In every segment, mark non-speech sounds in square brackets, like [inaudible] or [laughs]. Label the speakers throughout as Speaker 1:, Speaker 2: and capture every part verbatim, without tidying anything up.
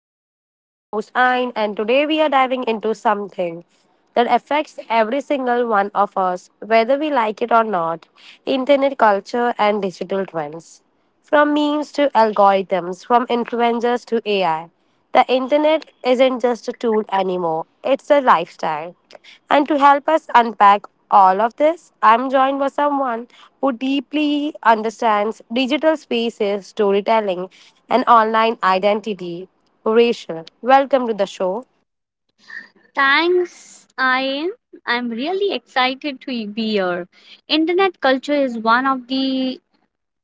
Speaker 1: Podcast. I'm your host Ayn, and today we are diving into something that affects every single one of us, whether we like it or not. Internet culture and digital trends. From memes to algorithms, from influencers to A I. The internet isn't just a tool anymore, it's a lifestyle. And to help us unpack all of this, I'm joined by someone who deeply understands digital spaces, storytelling, and online identity. Rachel, welcome to the show.
Speaker 2: Thanks, Ayan. I'm really excited to be here. Internet culture is one of the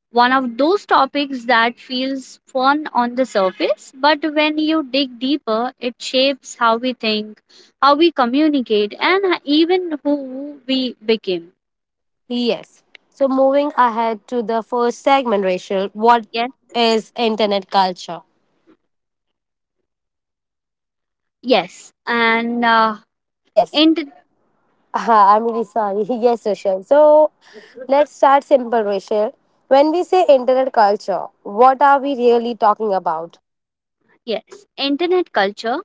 Speaker 2: one of those topics that feels fun on the surface, but when you dig deeper, it shapes how we think, how we communicate, and even who we become.
Speaker 1: Yes. So moving ahead to the first segment, Rachel, what
Speaker 2: Yes,
Speaker 1: is internet culture?
Speaker 2: yes, and uh,
Speaker 1: Yes,
Speaker 2: inter-
Speaker 1: ah, I'm really sorry. [laughs] Yes, Rachel. So let's start simple, Rachel. When we say internet culture, what are we really talking about?
Speaker 2: yes, Internet culture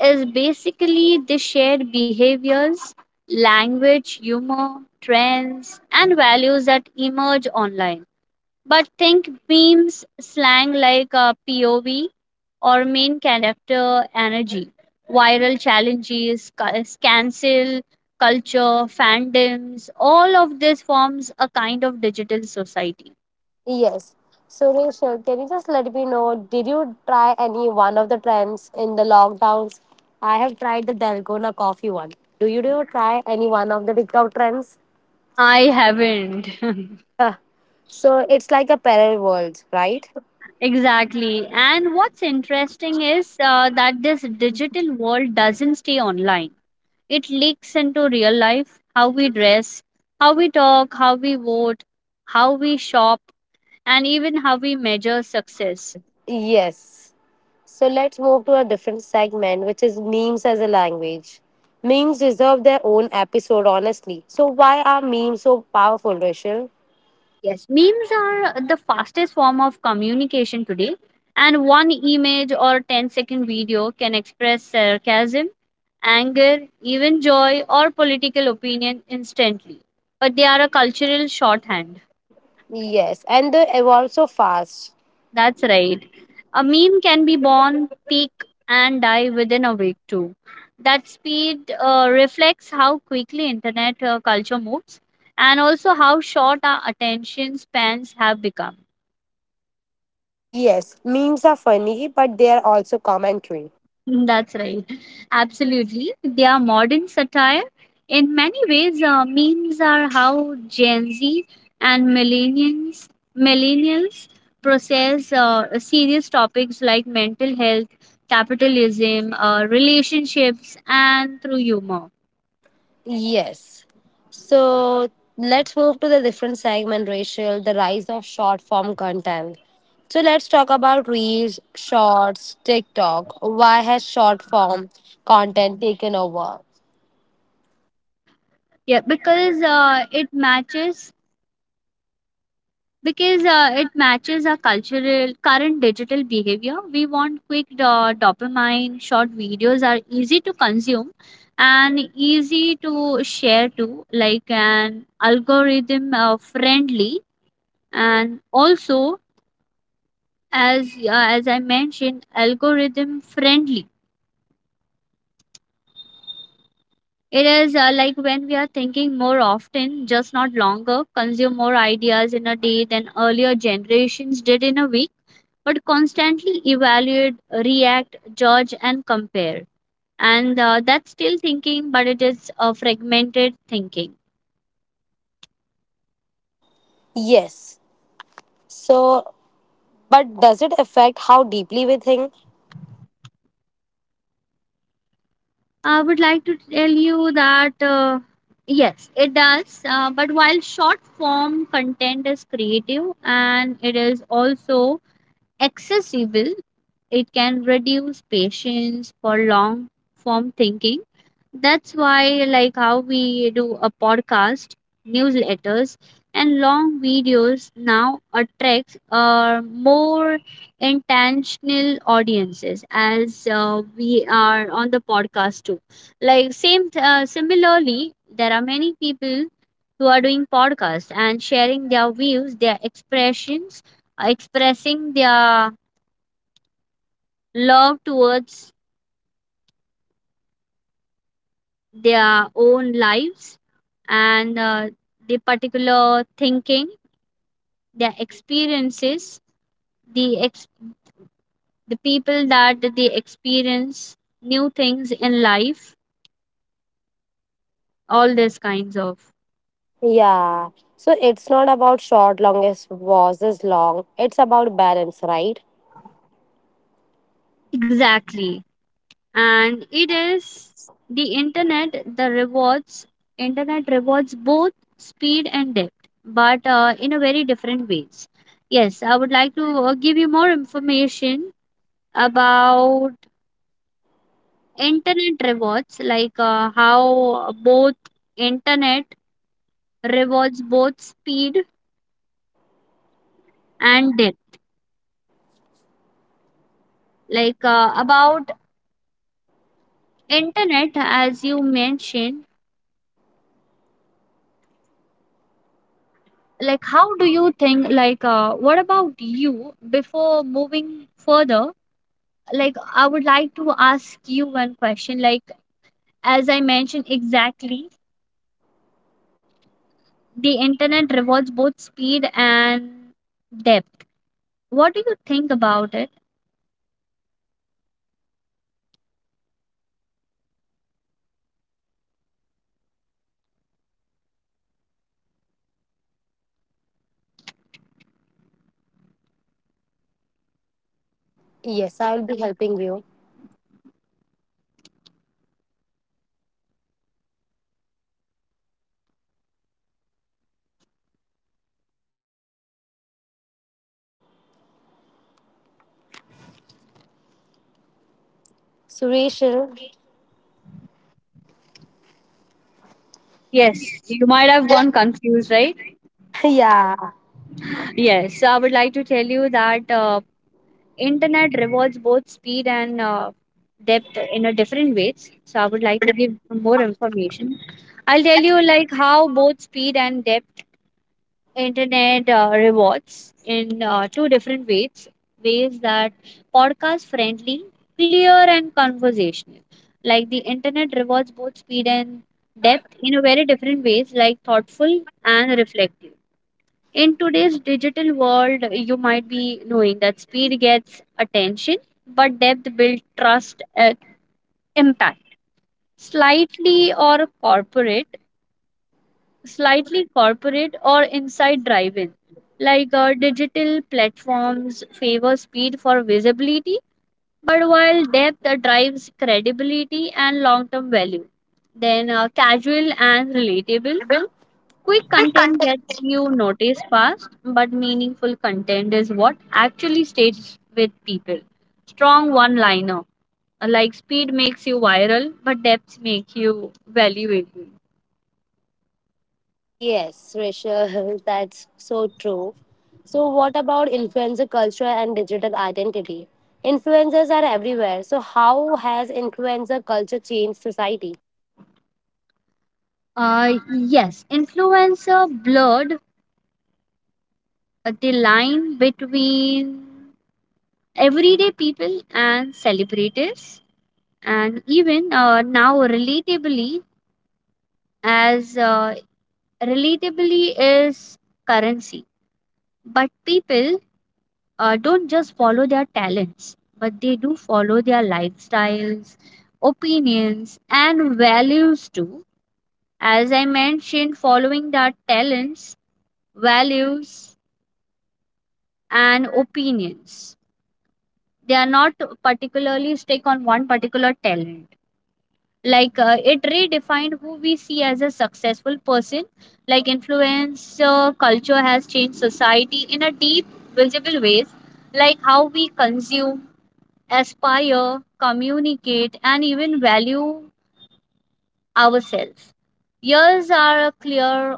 Speaker 2: is basically the shared behaviors, language, humor, trends, and values that emerge online. But think memes, slang like uh, P O V or main character energy, viral challenges, ca- cancel culture, fandoms, all of this forms a kind of digital society.
Speaker 1: Yes. So, Rachel, can you just let me know? Did you try any one of the trends in the lockdowns? I have tried the Dalgona coffee one. Do you, do you try any one of the TikTok trends?
Speaker 2: I haven't. [laughs]
Speaker 1: [laughs] So, it's like a parallel world, right?
Speaker 2: Exactly. And what's interesting is uh, that this digital world doesn't stay online. It leaks into real life, how we dress, how we talk, how we vote, how we shop, and even how we measure success.
Speaker 1: Yes. So let's move to a different segment, which is memes as a language. Memes deserve their own episode, honestly. So, why are memes so powerful, Rachel?
Speaker 2: Yes. Memes are the fastest form of communication today, and one image or ten-second video can express sarcasm, anger, even joy, or political opinion instantly. But they are a cultural shorthand.
Speaker 1: Yes, and they evolve so fast.
Speaker 2: That's right. A meme can be born, peak, and die within a week too. That speed uh, reflects how quickly internet uh, culture moves and also how short our attention spans have become.
Speaker 1: Yes, memes are funny, but they are also commentary.
Speaker 2: [laughs] Mm, that's right. Absolutely. Their modern satire, in many ways, uh, memes are how Gen Z and millennials, millennials process uh, serious topics like mental health, capitalism, uh, relationships, and through humor.
Speaker 1: Yes. So, let's move to the different segment, Rachel, the rise of short form content. So let's talk about Reels, Shorts, TikTok. Why has short form content taken over?
Speaker 2: Yeah, because uh, it matches because uh, it matches our cultural current digital behavior. We want quick do- dopamine. Short videos are easy to consume and easy to share too, like an algorithm uh, friendly, and also, as uh, as I mentioned, algorithm friendly. It is uh, like when we are thinking more often, just not longer, consume more ideas in a day than earlier generations did in a week, but constantly evaluate, react, judge, and compare. And uh, that's still thinking, but it is uh, fragmented thinking.
Speaker 1: Yes. So, but does it affect how deeply we think?
Speaker 2: I would like to tell you that uh, yes, it does. Uh, but while short form content is creative and it is also accessible, it can reduce patience for long form thinking. That's why, like, how we do a podcast, newsletters, and long videos now attracts uh, more intentional audiences, as uh, we are on the podcast too. Like, same, uh, similarly, there are many people who are doing podcasts and sharing their views, their expressions, uh, expressing their love towards their own lives and uh, the particular thinking, their experiences, the ex- the people that they experience, new things in life, all these kinds of.
Speaker 1: Yeah. So it's not about short, longest versus long. It's about balance, right?
Speaker 2: Exactly. And it is the internet the rewards. Internet rewards both speed and depth, but uh, in a very different ways. Yes, I would like to uh, give you more information about internet rewards, like uh, how both internet rewards both speed and depth. Like uh, about internet, as you mentioned, like how do you think? Like uh, what about you? Before moving further, like I would like to ask you one question. Like as I mentioned exactly, the internet rewards both speed and depth. What do you think about it?
Speaker 1: Yes, I will be helping you. So, Rachel.
Speaker 2: Yes,
Speaker 1: [laughs]
Speaker 2: you might have gone confused, right?
Speaker 1: Yeah.
Speaker 2: Yes, so I would like to tell you that uh, internet rewards both speed and uh, depth in a different ways. So I would like to give more information. I'll tell you like how both speed and depth internet uh, rewards in uh, two different ways. Ways that podcast friendly, clear and conversational. Like the internet rewards both speed and depth in a very different ways, like thoughtful and reflective. In today's digital world, you might be knowing that speed gets attention, but depth builds trust and impact. Slightly or corporate, slightly corporate or inside drive-in. Like uh, digital platforms favor speed for visibility, but while depth uh, drives credibility and long-term value. Then uh, casual and relatable. Quick content gets you noticed fast, but meaningful content is what actually stays with people. Strong one liner. Like speed makes you viral, but depth makes you valuable.
Speaker 1: Yes, Rachel, [laughs] that's so true. So, what about influencer culture and digital identity? Influencers are everywhere. So, how has influencer culture changed society?
Speaker 2: Uh, yes, influencer blurred the line between everyday people and celebrities, and even uh, now relatably, as uh, relatably is currency, but people uh, don't just follow their talents, but they do follow their lifestyles, opinions, and values too. As I mentioned, following their talents, values, and opinions. They are not particularly stick on one particular talent. Like uh, it redefined who we see as a successful person. Like influencer culture has changed society in a deep, visible ways, like how we consume, aspire, communicate, and even value ourselves. Years are a clear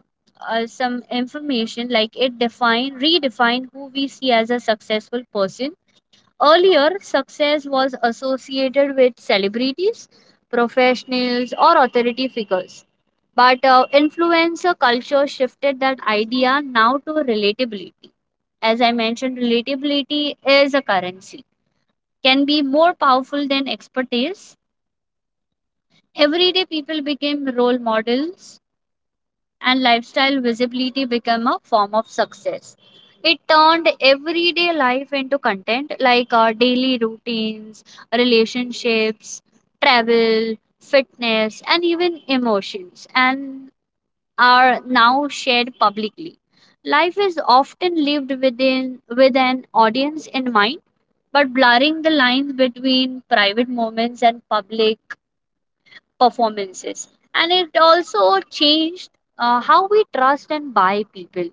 Speaker 2: uh, some information like it define redefine who we see as a successful person. Earlier, success was associated with celebrities, professionals, or authority figures. But uh, influencer culture shifted that idea now to relatability. As I mentioned, relatability is a currency, can be more powerful than expertise. Everyday people became role models, and lifestyle visibility became a form of success. It turned everyday life into content like our daily routines, relationships, travel, fitness, and even emotions, and are now shared publicly. Life is often lived within with an audience in mind, but blurring the lines between private moments and public performances. And it also changed uh, how we trust and buy people.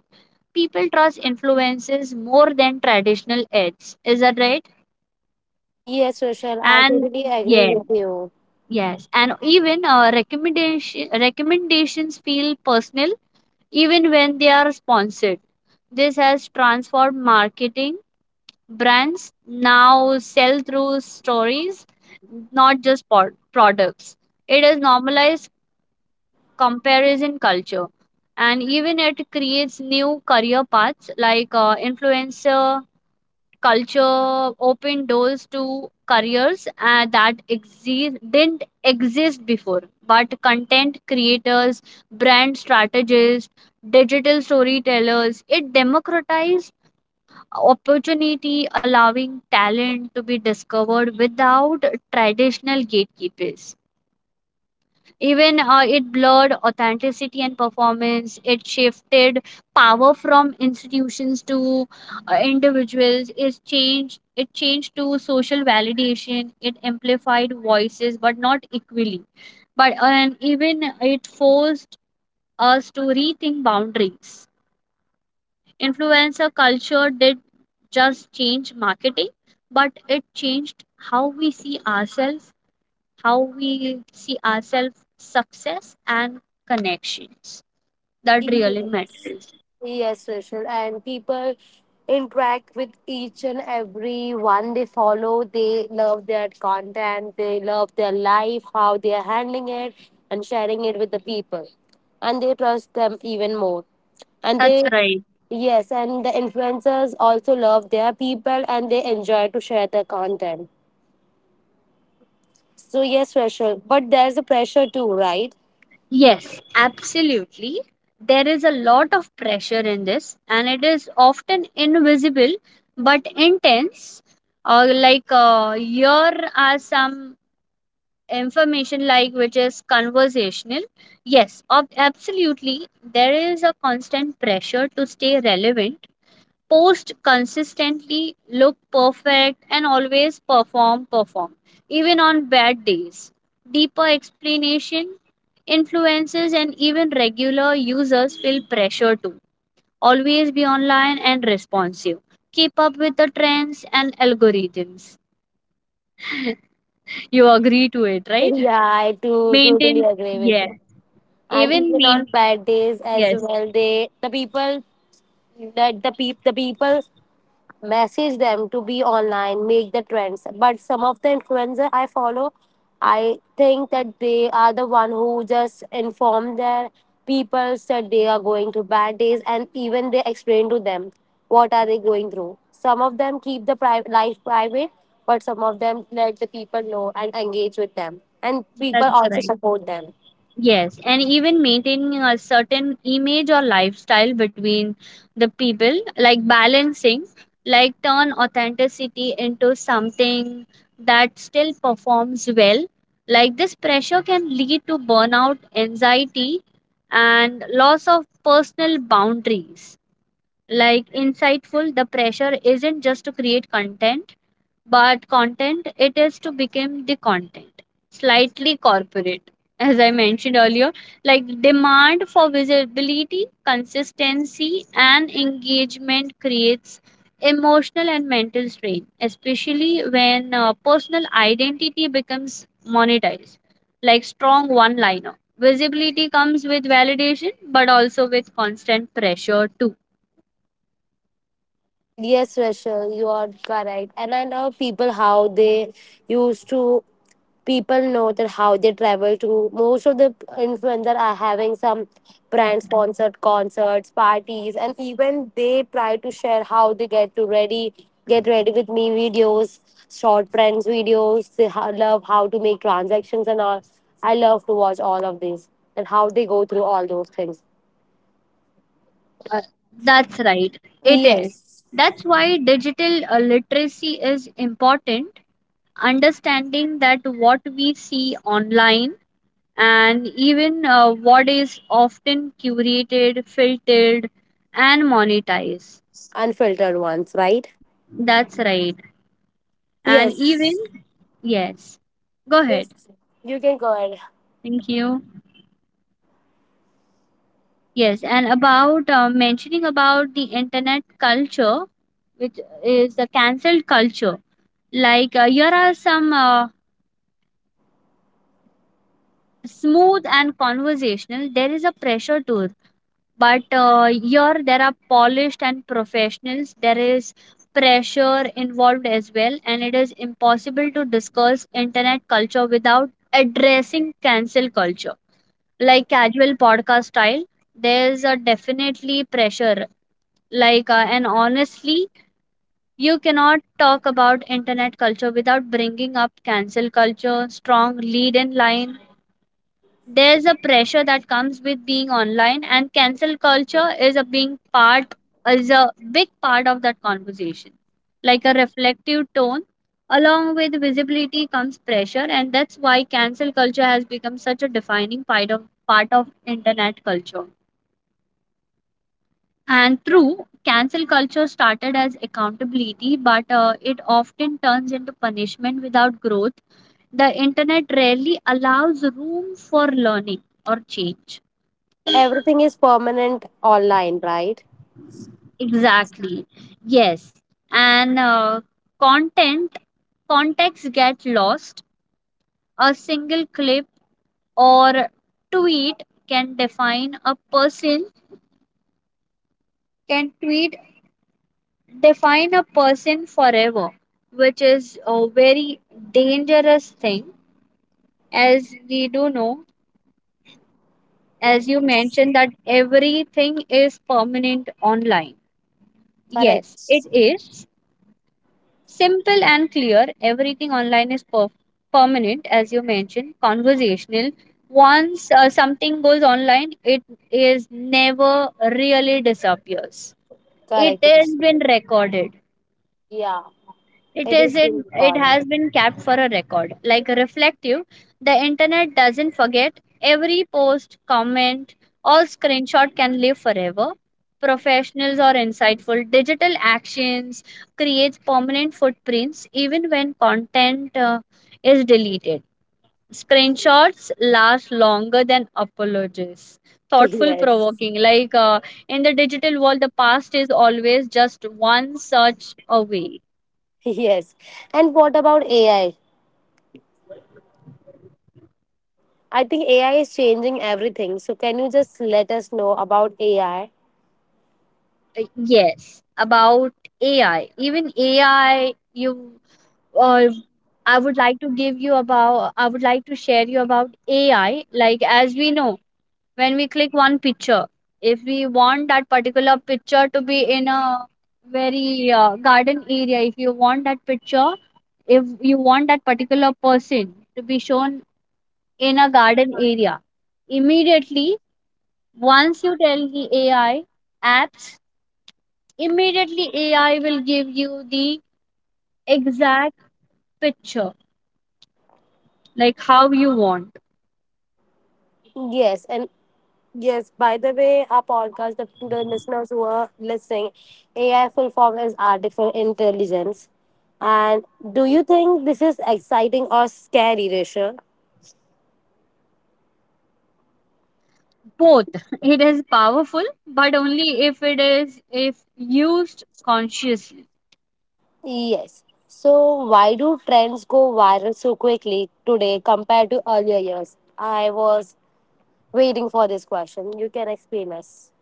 Speaker 2: People trust influences more than traditional ads, is that right?
Speaker 1: Yes, Rachel, I
Speaker 2: And,
Speaker 1: totally agree
Speaker 2: yeah,
Speaker 1: with you.
Speaker 2: yes, and even uh, recommendation recommendations feel personal even when they are sponsored. This has transformed marketing. Brands now sell through stories, not just pod- products. It has normalized comparison culture, and even it creates new career paths. Like uh, influencer culture open doors to careers uh, that exi- didn't exist before, but content creators, brand strategists, digital storytellers. It democratized opportunity, allowing talent to be discovered without traditional gatekeepers. Even uh, it blurred authenticity and performance. It shifted power from institutions to uh, individuals. It changed. It changed to social validation. It amplified voices, but not equally. But and even it forced us to rethink boundaries. Influencer culture did just change marketing, but it changed how we see ourselves, how we see ourselves, success, and connections that
Speaker 1: Yes,
Speaker 2: really matters.
Speaker 1: yes, Rachel. And people interact with each and every one they follow. They love their content. They love their life, how they are handling it, and sharing it with the people. And they trust them even more. And
Speaker 2: That's
Speaker 1: they,
Speaker 2: right.
Speaker 1: yes, and the influencers also love their people and they enjoy to share their content. So, yes, Rachel. But there's a pressure too, right? [laughs]
Speaker 2: Yes, absolutely. There is a lot of pressure in this, and it is often invisible but intense. Uh, like, uh, here are some information, like which is conversational. Yes, ob- absolutely. There is a constant pressure to stay relevant, post consistently, look perfect, and always perform, perform, even on bad days. Deeper explanation, influencers, and even regular users feel pressure to always be online and responsive, keep up with the trends and algorithms. [laughs] You agree to it, right?
Speaker 1: Yeah, I do totally
Speaker 2: Maintain,
Speaker 1: agree with
Speaker 2: yeah,
Speaker 1: you. And
Speaker 2: even
Speaker 1: even
Speaker 2: maintain,
Speaker 1: on bad days as
Speaker 2: yes,
Speaker 1: well, they, the people, that the peop, the people message them to be online, make the trends. But some of the influencer I follow, I think that they are the one who just inform their people that they are going to bad days, and even they explain to them what are they going through. Some of them keep the pri- life private, but some of them let the people know and engage with them, and people
Speaker 2: that's
Speaker 1: also
Speaker 2: right.
Speaker 1: support them.
Speaker 2: Yes, and even maintaining a certain image or lifestyle between the people, like balancing, like turn authenticity into something that still performs well. Like this pressure can lead to burnout, anxiety, and loss of personal boundaries. Like insightful, the pressure isn't just to create content but content, it is to become the content. Slightly corporate, as I mentioned earlier, like demand for visibility, consistency and engagement creates emotional and mental strain, especially when uh, personal identity becomes monetized. Like strong one liner, visibility comes with validation but also with constant pressure too.
Speaker 1: Yes, Rachel, you are correct. And I love people, how they used to, people know that how they travel to. Most of the influencers are having some brand sponsored concerts, parties, and even they try to share how they get to ready get ready with me videos, short friends videos. They ho- love how to make transactions and all. I love to watch all of these and how they go through all those things.
Speaker 2: Uh, That's right, it is.
Speaker 1: Yes.
Speaker 2: That's why digital uh, literacy is important. Understanding that what we see online and even uh, what is often curated, filtered, and monetized.
Speaker 1: Unfiltered ones, right?
Speaker 2: That's right. And even,
Speaker 1: Yes.
Speaker 2: yes. Go ahead.
Speaker 1: Yes, you can go ahead.
Speaker 2: Thank you. Yes, and about uh, mentioning about the internet culture, which is the cancelled culture. Like, uh, here are some uh, smooth and conversational. There is a pressure tool, but uh, here there are polished and professionals. There is pressure involved as well, and it is impossible to discuss internet culture without addressing cancel culture,
Speaker 1: Like,
Speaker 2: like casual podcast style. There's a definitely pressure, like uh, and honestly, you cannot talk about internet culture without bringing up cancel culture. Strong lead in line, there's a pressure that comes with being online, and cancel culture is a being part is a big part of that conversation. Like a reflective tone, along with visibility comes pressure, and that's why cancel culture has become such a defining part of part of internet culture. And through cancel culture started as accountability, but uh, it often turns into punishment without growth. The internet rarely allows room for learning or change.
Speaker 1: so everything is permanent online, right?
Speaker 2: Exactly. Yes. And uh, content, context get lost. A single clip or tweet can define a person, can tweet define a person forever, which is a very dangerous thing. As we do know, as you
Speaker 1: Yes.
Speaker 2: mentioned, that everything is permanent online. Yes, it
Speaker 1: Correct.
Speaker 2: is. Simple and clear, everything online is per- permanent, as you mentioned. Conversational, once uh, something goes online, it is never really disappears. It
Speaker 1: Correct,
Speaker 2: has been
Speaker 1: Rashmi.
Speaker 2: recorded.
Speaker 1: Yeah,
Speaker 2: It
Speaker 1: it
Speaker 2: is
Speaker 1: is being
Speaker 2: in, it
Speaker 1: recorded.
Speaker 2: has been kept for a record, like reflective. The internet doesn't forget. Every post, comment, or screenshot can live forever. Professionals or insightful digital actions creates permanent footprints even when content uh, is deleted. Screenshots last longer than apologies. Thoughtful,
Speaker 1: [laughs] Yes.
Speaker 2: provoking, like uh, In the digital world, the past is always just one search away.
Speaker 1: Yes. And what about A I? I I think A I is changing everything. So can you just let us know about A I?
Speaker 2: uh, yes, about A I, even A I, you uh, I would like to give you about I would like to share you about A I, like, as we know, when we click one picture, if we want that particular picture to be in a very uh, garden area, if you want that picture, if you want that particular person to be shown in a garden area immediately. Once you tell the A I apps, immediately A I will give you the exact picture, like how you want.
Speaker 1: Yes, and yes, by the way, our podcast, the, to the listeners who are listening, A I full form is artificial intelligence. And do you think this is exciting or scary, Risha?
Speaker 2: Both. [laughs] It is powerful, but only if it is if used consciously.
Speaker 1: Yes. So, why do trends go viral so quickly today compared to earlier years? I was waiting for this question. You can explain us.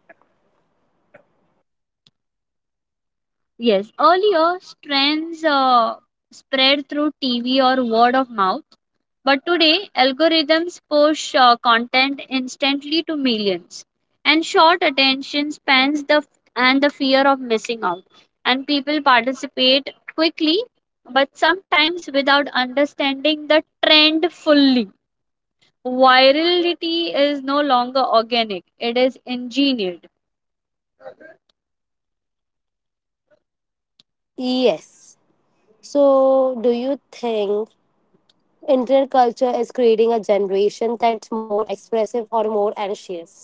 Speaker 2: Yes, earlier trends uh, spread through T V or word of mouth, but today algorithms push uh, content instantly to millions. And short attention spans the and the fear of missing out. And people participate quickly, but sometimes without understanding the trend fully. Virality is no longer organic; it is engineered.
Speaker 1: Yes. So, do you think internet culture is creating a generation that's more expressive or more anxious?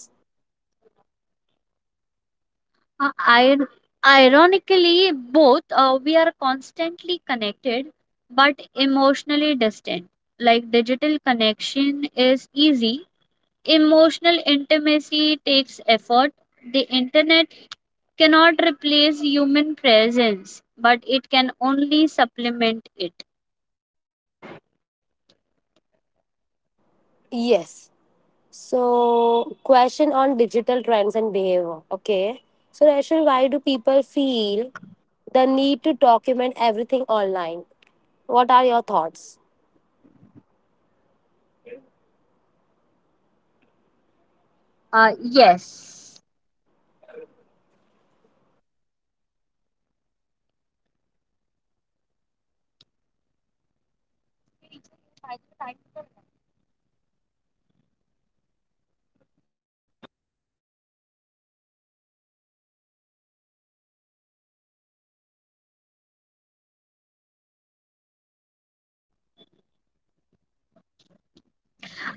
Speaker 2: Uh, ir- Ironically, both. Uh, we are constantly connected but emotionally distant. Like, digital connection is easy, emotional intimacy takes effort. The internet cannot replace human presence, but it can only supplement it.
Speaker 1: Yes. So, question on digital trends and behavior. Okay. So, Rachel, why do people feel the need to document everything online? What are your thoughts?
Speaker 2: Uh, yes.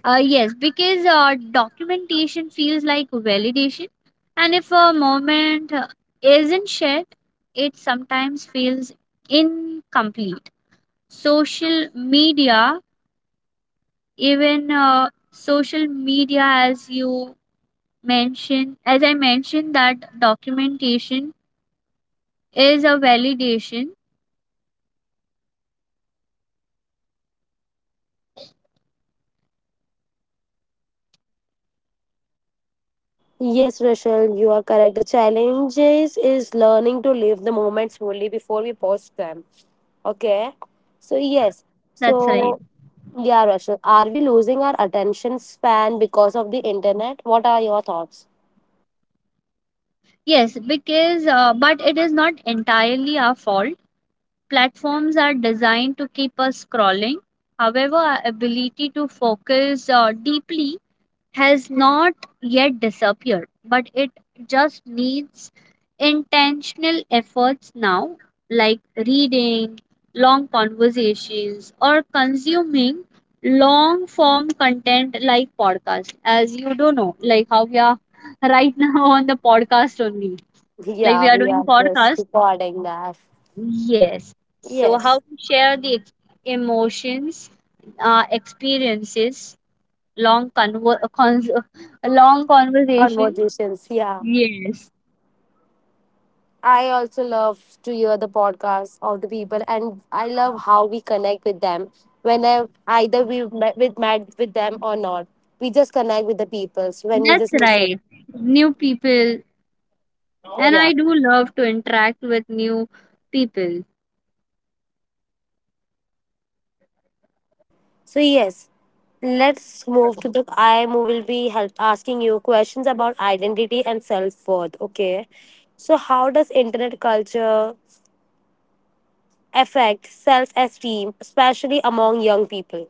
Speaker 2: Uh, yes, because uh, documentation feels like validation. And if a moment uh, isn't shared, it sometimes feels incomplete. Social media, even uh, social media, as you mentioned, as I mentioned, that documentation is a validation.
Speaker 1: Yes, Rachel, you are correct. The challenges is learning to live the moments fully before we post them. Okay. So, yes.
Speaker 2: That's right.
Speaker 1: So, yeah, Rachel, are we losing our attention span because of the internet? What are your thoughts?
Speaker 2: Yes, because uh, but it is not entirely our fault. Platforms are designed to keep us scrolling. However, our ability to focus uh, deeply has not yet disappeared, but it just needs intentional efforts now, like reading, long conversations, or consuming long form content like podcast. As you do not know, like how we are right [laughs] now on the podcast only, like
Speaker 1: Yeah,
Speaker 2: we are
Speaker 1: we
Speaker 2: doing
Speaker 1: are just
Speaker 2: podcast.
Speaker 1: recording that.
Speaker 2: Yes. So, how
Speaker 1: Yes.
Speaker 2: to share the ex- emotions, uh, experiences. Long convo cons [laughs] long conversation.
Speaker 1: Conversations. Yeah.
Speaker 2: Yes,
Speaker 1: I also love to hear the podcasts of the people, and I love how we connect with them when I either we met with met with them or not. We just connect with the people when we
Speaker 2: that's
Speaker 1: just listen.
Speaker 2: right. New people, and
Speaker 1: Yeah.
Speaker 2: I do love to interact with new people.
Speaker 1: So yes, let's move to the, I will be help asking you questions about identity and self worth. Okay. So how does internet culture affect self esteem, especially among young people?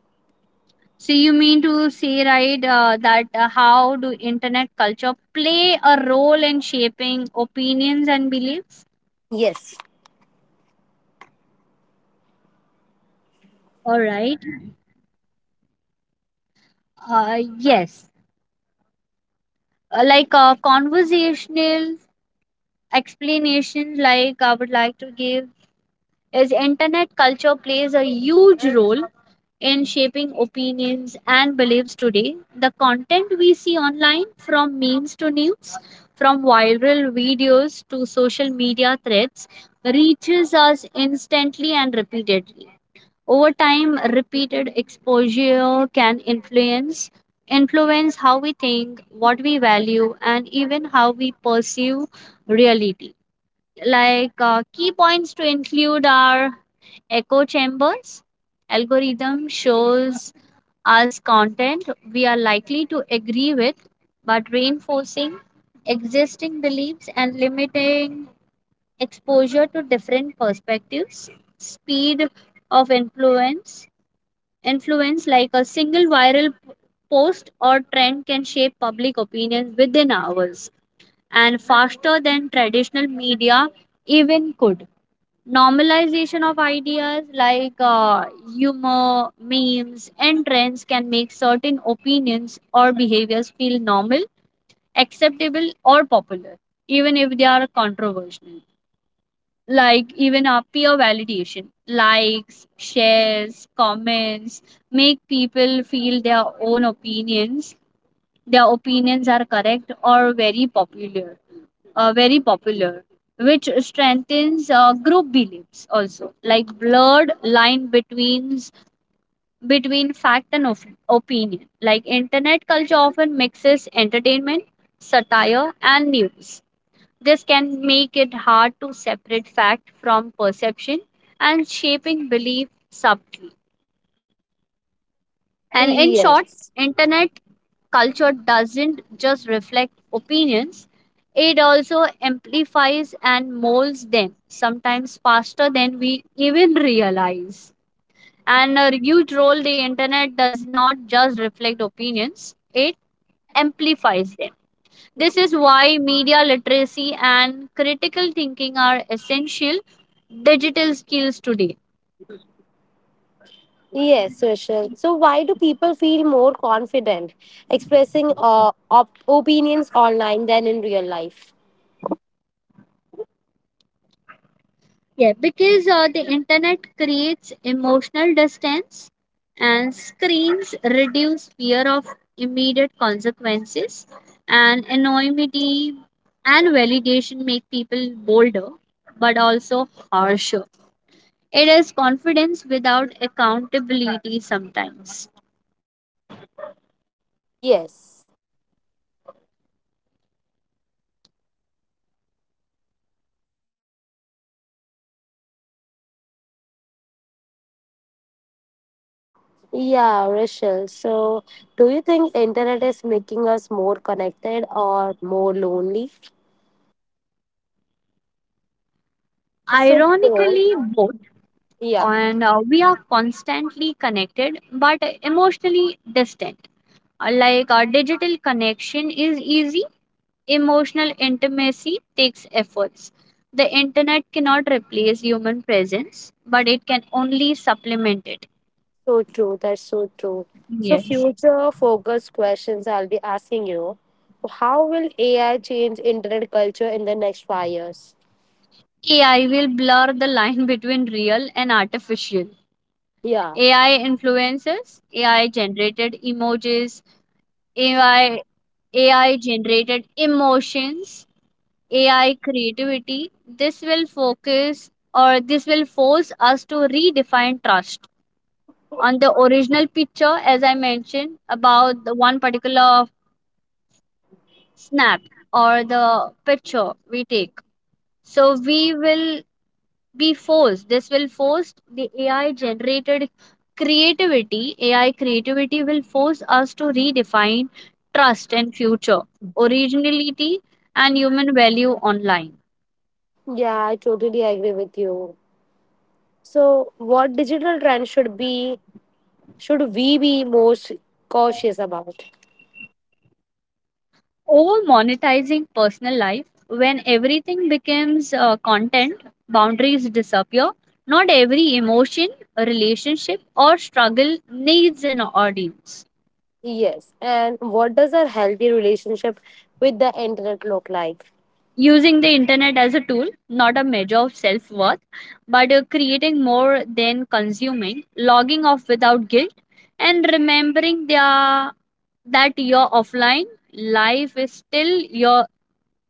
Speaker 2: So you mean to say, right, uh, that uh, how do internet culture play a role in shaping opinions and beliefs?
Speaker 1: Yes.
Speaker 2: All right. Uh, yes. Uh, like, uh, conversational explanation, like I would like to give is internet culture plays a huge role in shaping opinions and beliefs today. The content we see online, from memes to news, from viral videos to social media threads, reaches us instantly and repeatedly. Over time, repeated exposure can influence influence how we think, what we value, and even how we perceive reality. Like, uh, key points to include are echo chambers. Algorithm shows us content we are likely to agree with, but reinforcing existing beliefs and limiting exposure to different perspectives. Speed of influence influence, like a single viral p- post or trend, can shape public opinion within hours and faster than traditional media even could. Normalization of ideas, like uh, humor, memes, and trends, can make certain opinions or behaviors feel normal, acceptable, or popular, even if they are controversial. Like, even our peer validation, likes, shares, comments make people feel their own opinions, their opinions are correct or very popular, uh, very popular, which strengthens uh, group beliefs also. Like, blurred line between between fact and of, opinion. Like, internet culture often mixes entertainment, satire, and news. This can make it hard to separate fact from perception and shaping belief subtly. And in short,
Speaker 1: Yes.
Speaker 2: internet culture doesn't just reflect opinions, it also amplifies and molds them, sometimes faster than we even realize. And a huge role, the internet does not just reflect opinions, it amplifies them. This is why media literacy and critical thinking are essential digital skills today.
Speaker 1: Yes, Rachel. So, why do people feel more confident expressing uh, op- opinions online than in real life?
Speaker 2: Yeah, because uh, the internet creates emotional distance and screens reduce fear of immediate consequences, and anonymity and validation make people bolder but also harsher. It is confidence without accountability sometimes.
Speaker 1: Yes. Yeah, Rachel. So, do you think internet is making us more connected or more lonely? Think so too.
Speaker 2: Ironically, both,
Speaker 1: Yeah,
Speaker 2: and uh, we are constantly connected but emotionally distant. Uh, Like, our digital connection is easy, emotional intimacy takes efforts. The internet cannot replace human presence, but it can only supplement it.
Speaker 1: so true. That's so true. So,
Speaker 2: Yes.
Speaker 1: future focused questions I'll be asking you. How will A I change internet culture in the next five years?
Speaker 2: A I will blur the line [laughs] between real and artificial.
Speaker 1: Yeah.
Speaker 2: A I influences, A I generated emojis, AI AI generated emotions, A I creativity. This will focus or this will force us to redefine trust. On the original picture, as I mentioned, about the one particular snap or the picture we take, so we will be forced this will force the A I generated creativity. A I creativity will force us to redefine trust and future originality and human value online.
Speaker 1: Yeah, I totally agree with you. So, what digital trends should be should we be most cautious about?
Speaker 2: Over monetizing personal life, when everything becomes uh, content, boundaries disappear. Not every emotion, relationship, or struggle needs an audience.
Speaker 1: Yes, and what does a healthy relationship with the internet look like?
Speaker 2: Using the internet as a tool, not a measure of self-worth, but uh, creating more than consuming, logging off without guilt, and remembering their, that your offline life is still your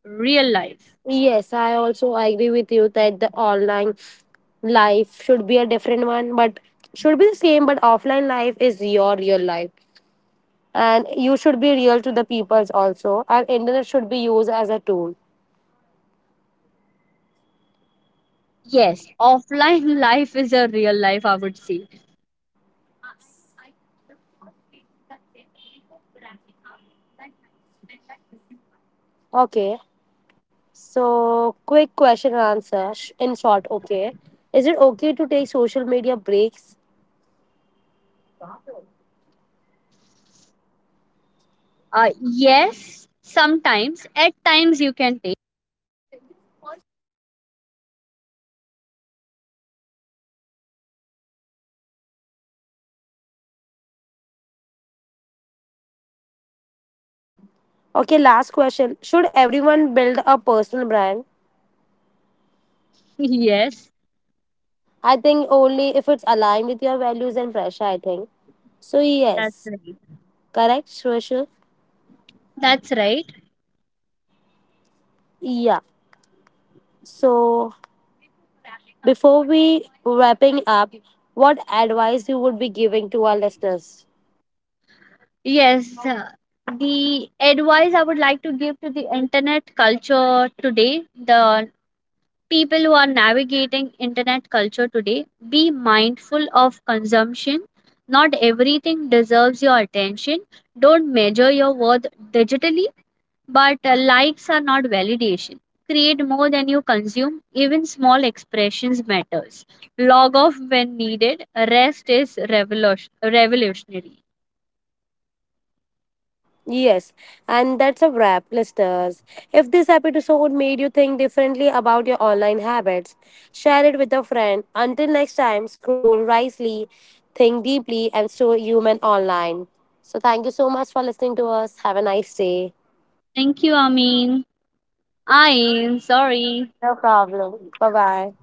Speaker 2: real life.
Speaker 1: Yes, I also agree with you that the online life should be a different one, but should be the same. But offline life is your real life, and you should be real to the peoples also. And internet should be used as a tool.
Speaker 2: Yes, offline [laughs] life is a real life, I would say.
Speaker 1: Okay, so, quick question and answer sh- in short, okay? Is it okay to take social media breaks?
Speaker 2: Uh, yes, sometimes. At times you can take.
Speaker 1: Okay, last question. Should everyone build a personal brand?
Speaker 2: [laughs] Yes.
Speaker 1: I think only if it's aligned with your values and pressure, I think. So,
Speaker 2: That's
Speaker 1: yes.
Speaker 2: right.
Speaker 1: Correct, Shweshul?
Speaker 2: That's right.
Speaker 1: Yeah. So, before we wrapping up, what advice you would be giving to our listeners?
Speaker 2: Yes, uh, the advice I would like to give to the internet culture today, the people who are navigating internet culture today, be mindful of consumption. Not everything deserves your attention. Don't measure your worth digitally. But uh, likes are not validation. Create more than you consume. Even small expressions matters. Log off when needed. Rest is revolution- revolutionary.
Speaker 1: Yes, and that's a wrap, listeners. If this episode made you think differently about your online habits, share it with a friend. Until next time, scroll wisely, think deeply, and stay human online. So, thank you so much for listening to us. Have a nice day.
Speaker 2: Thank you, Amin. I sorry.
Speaker 1: No problem. Bye bye.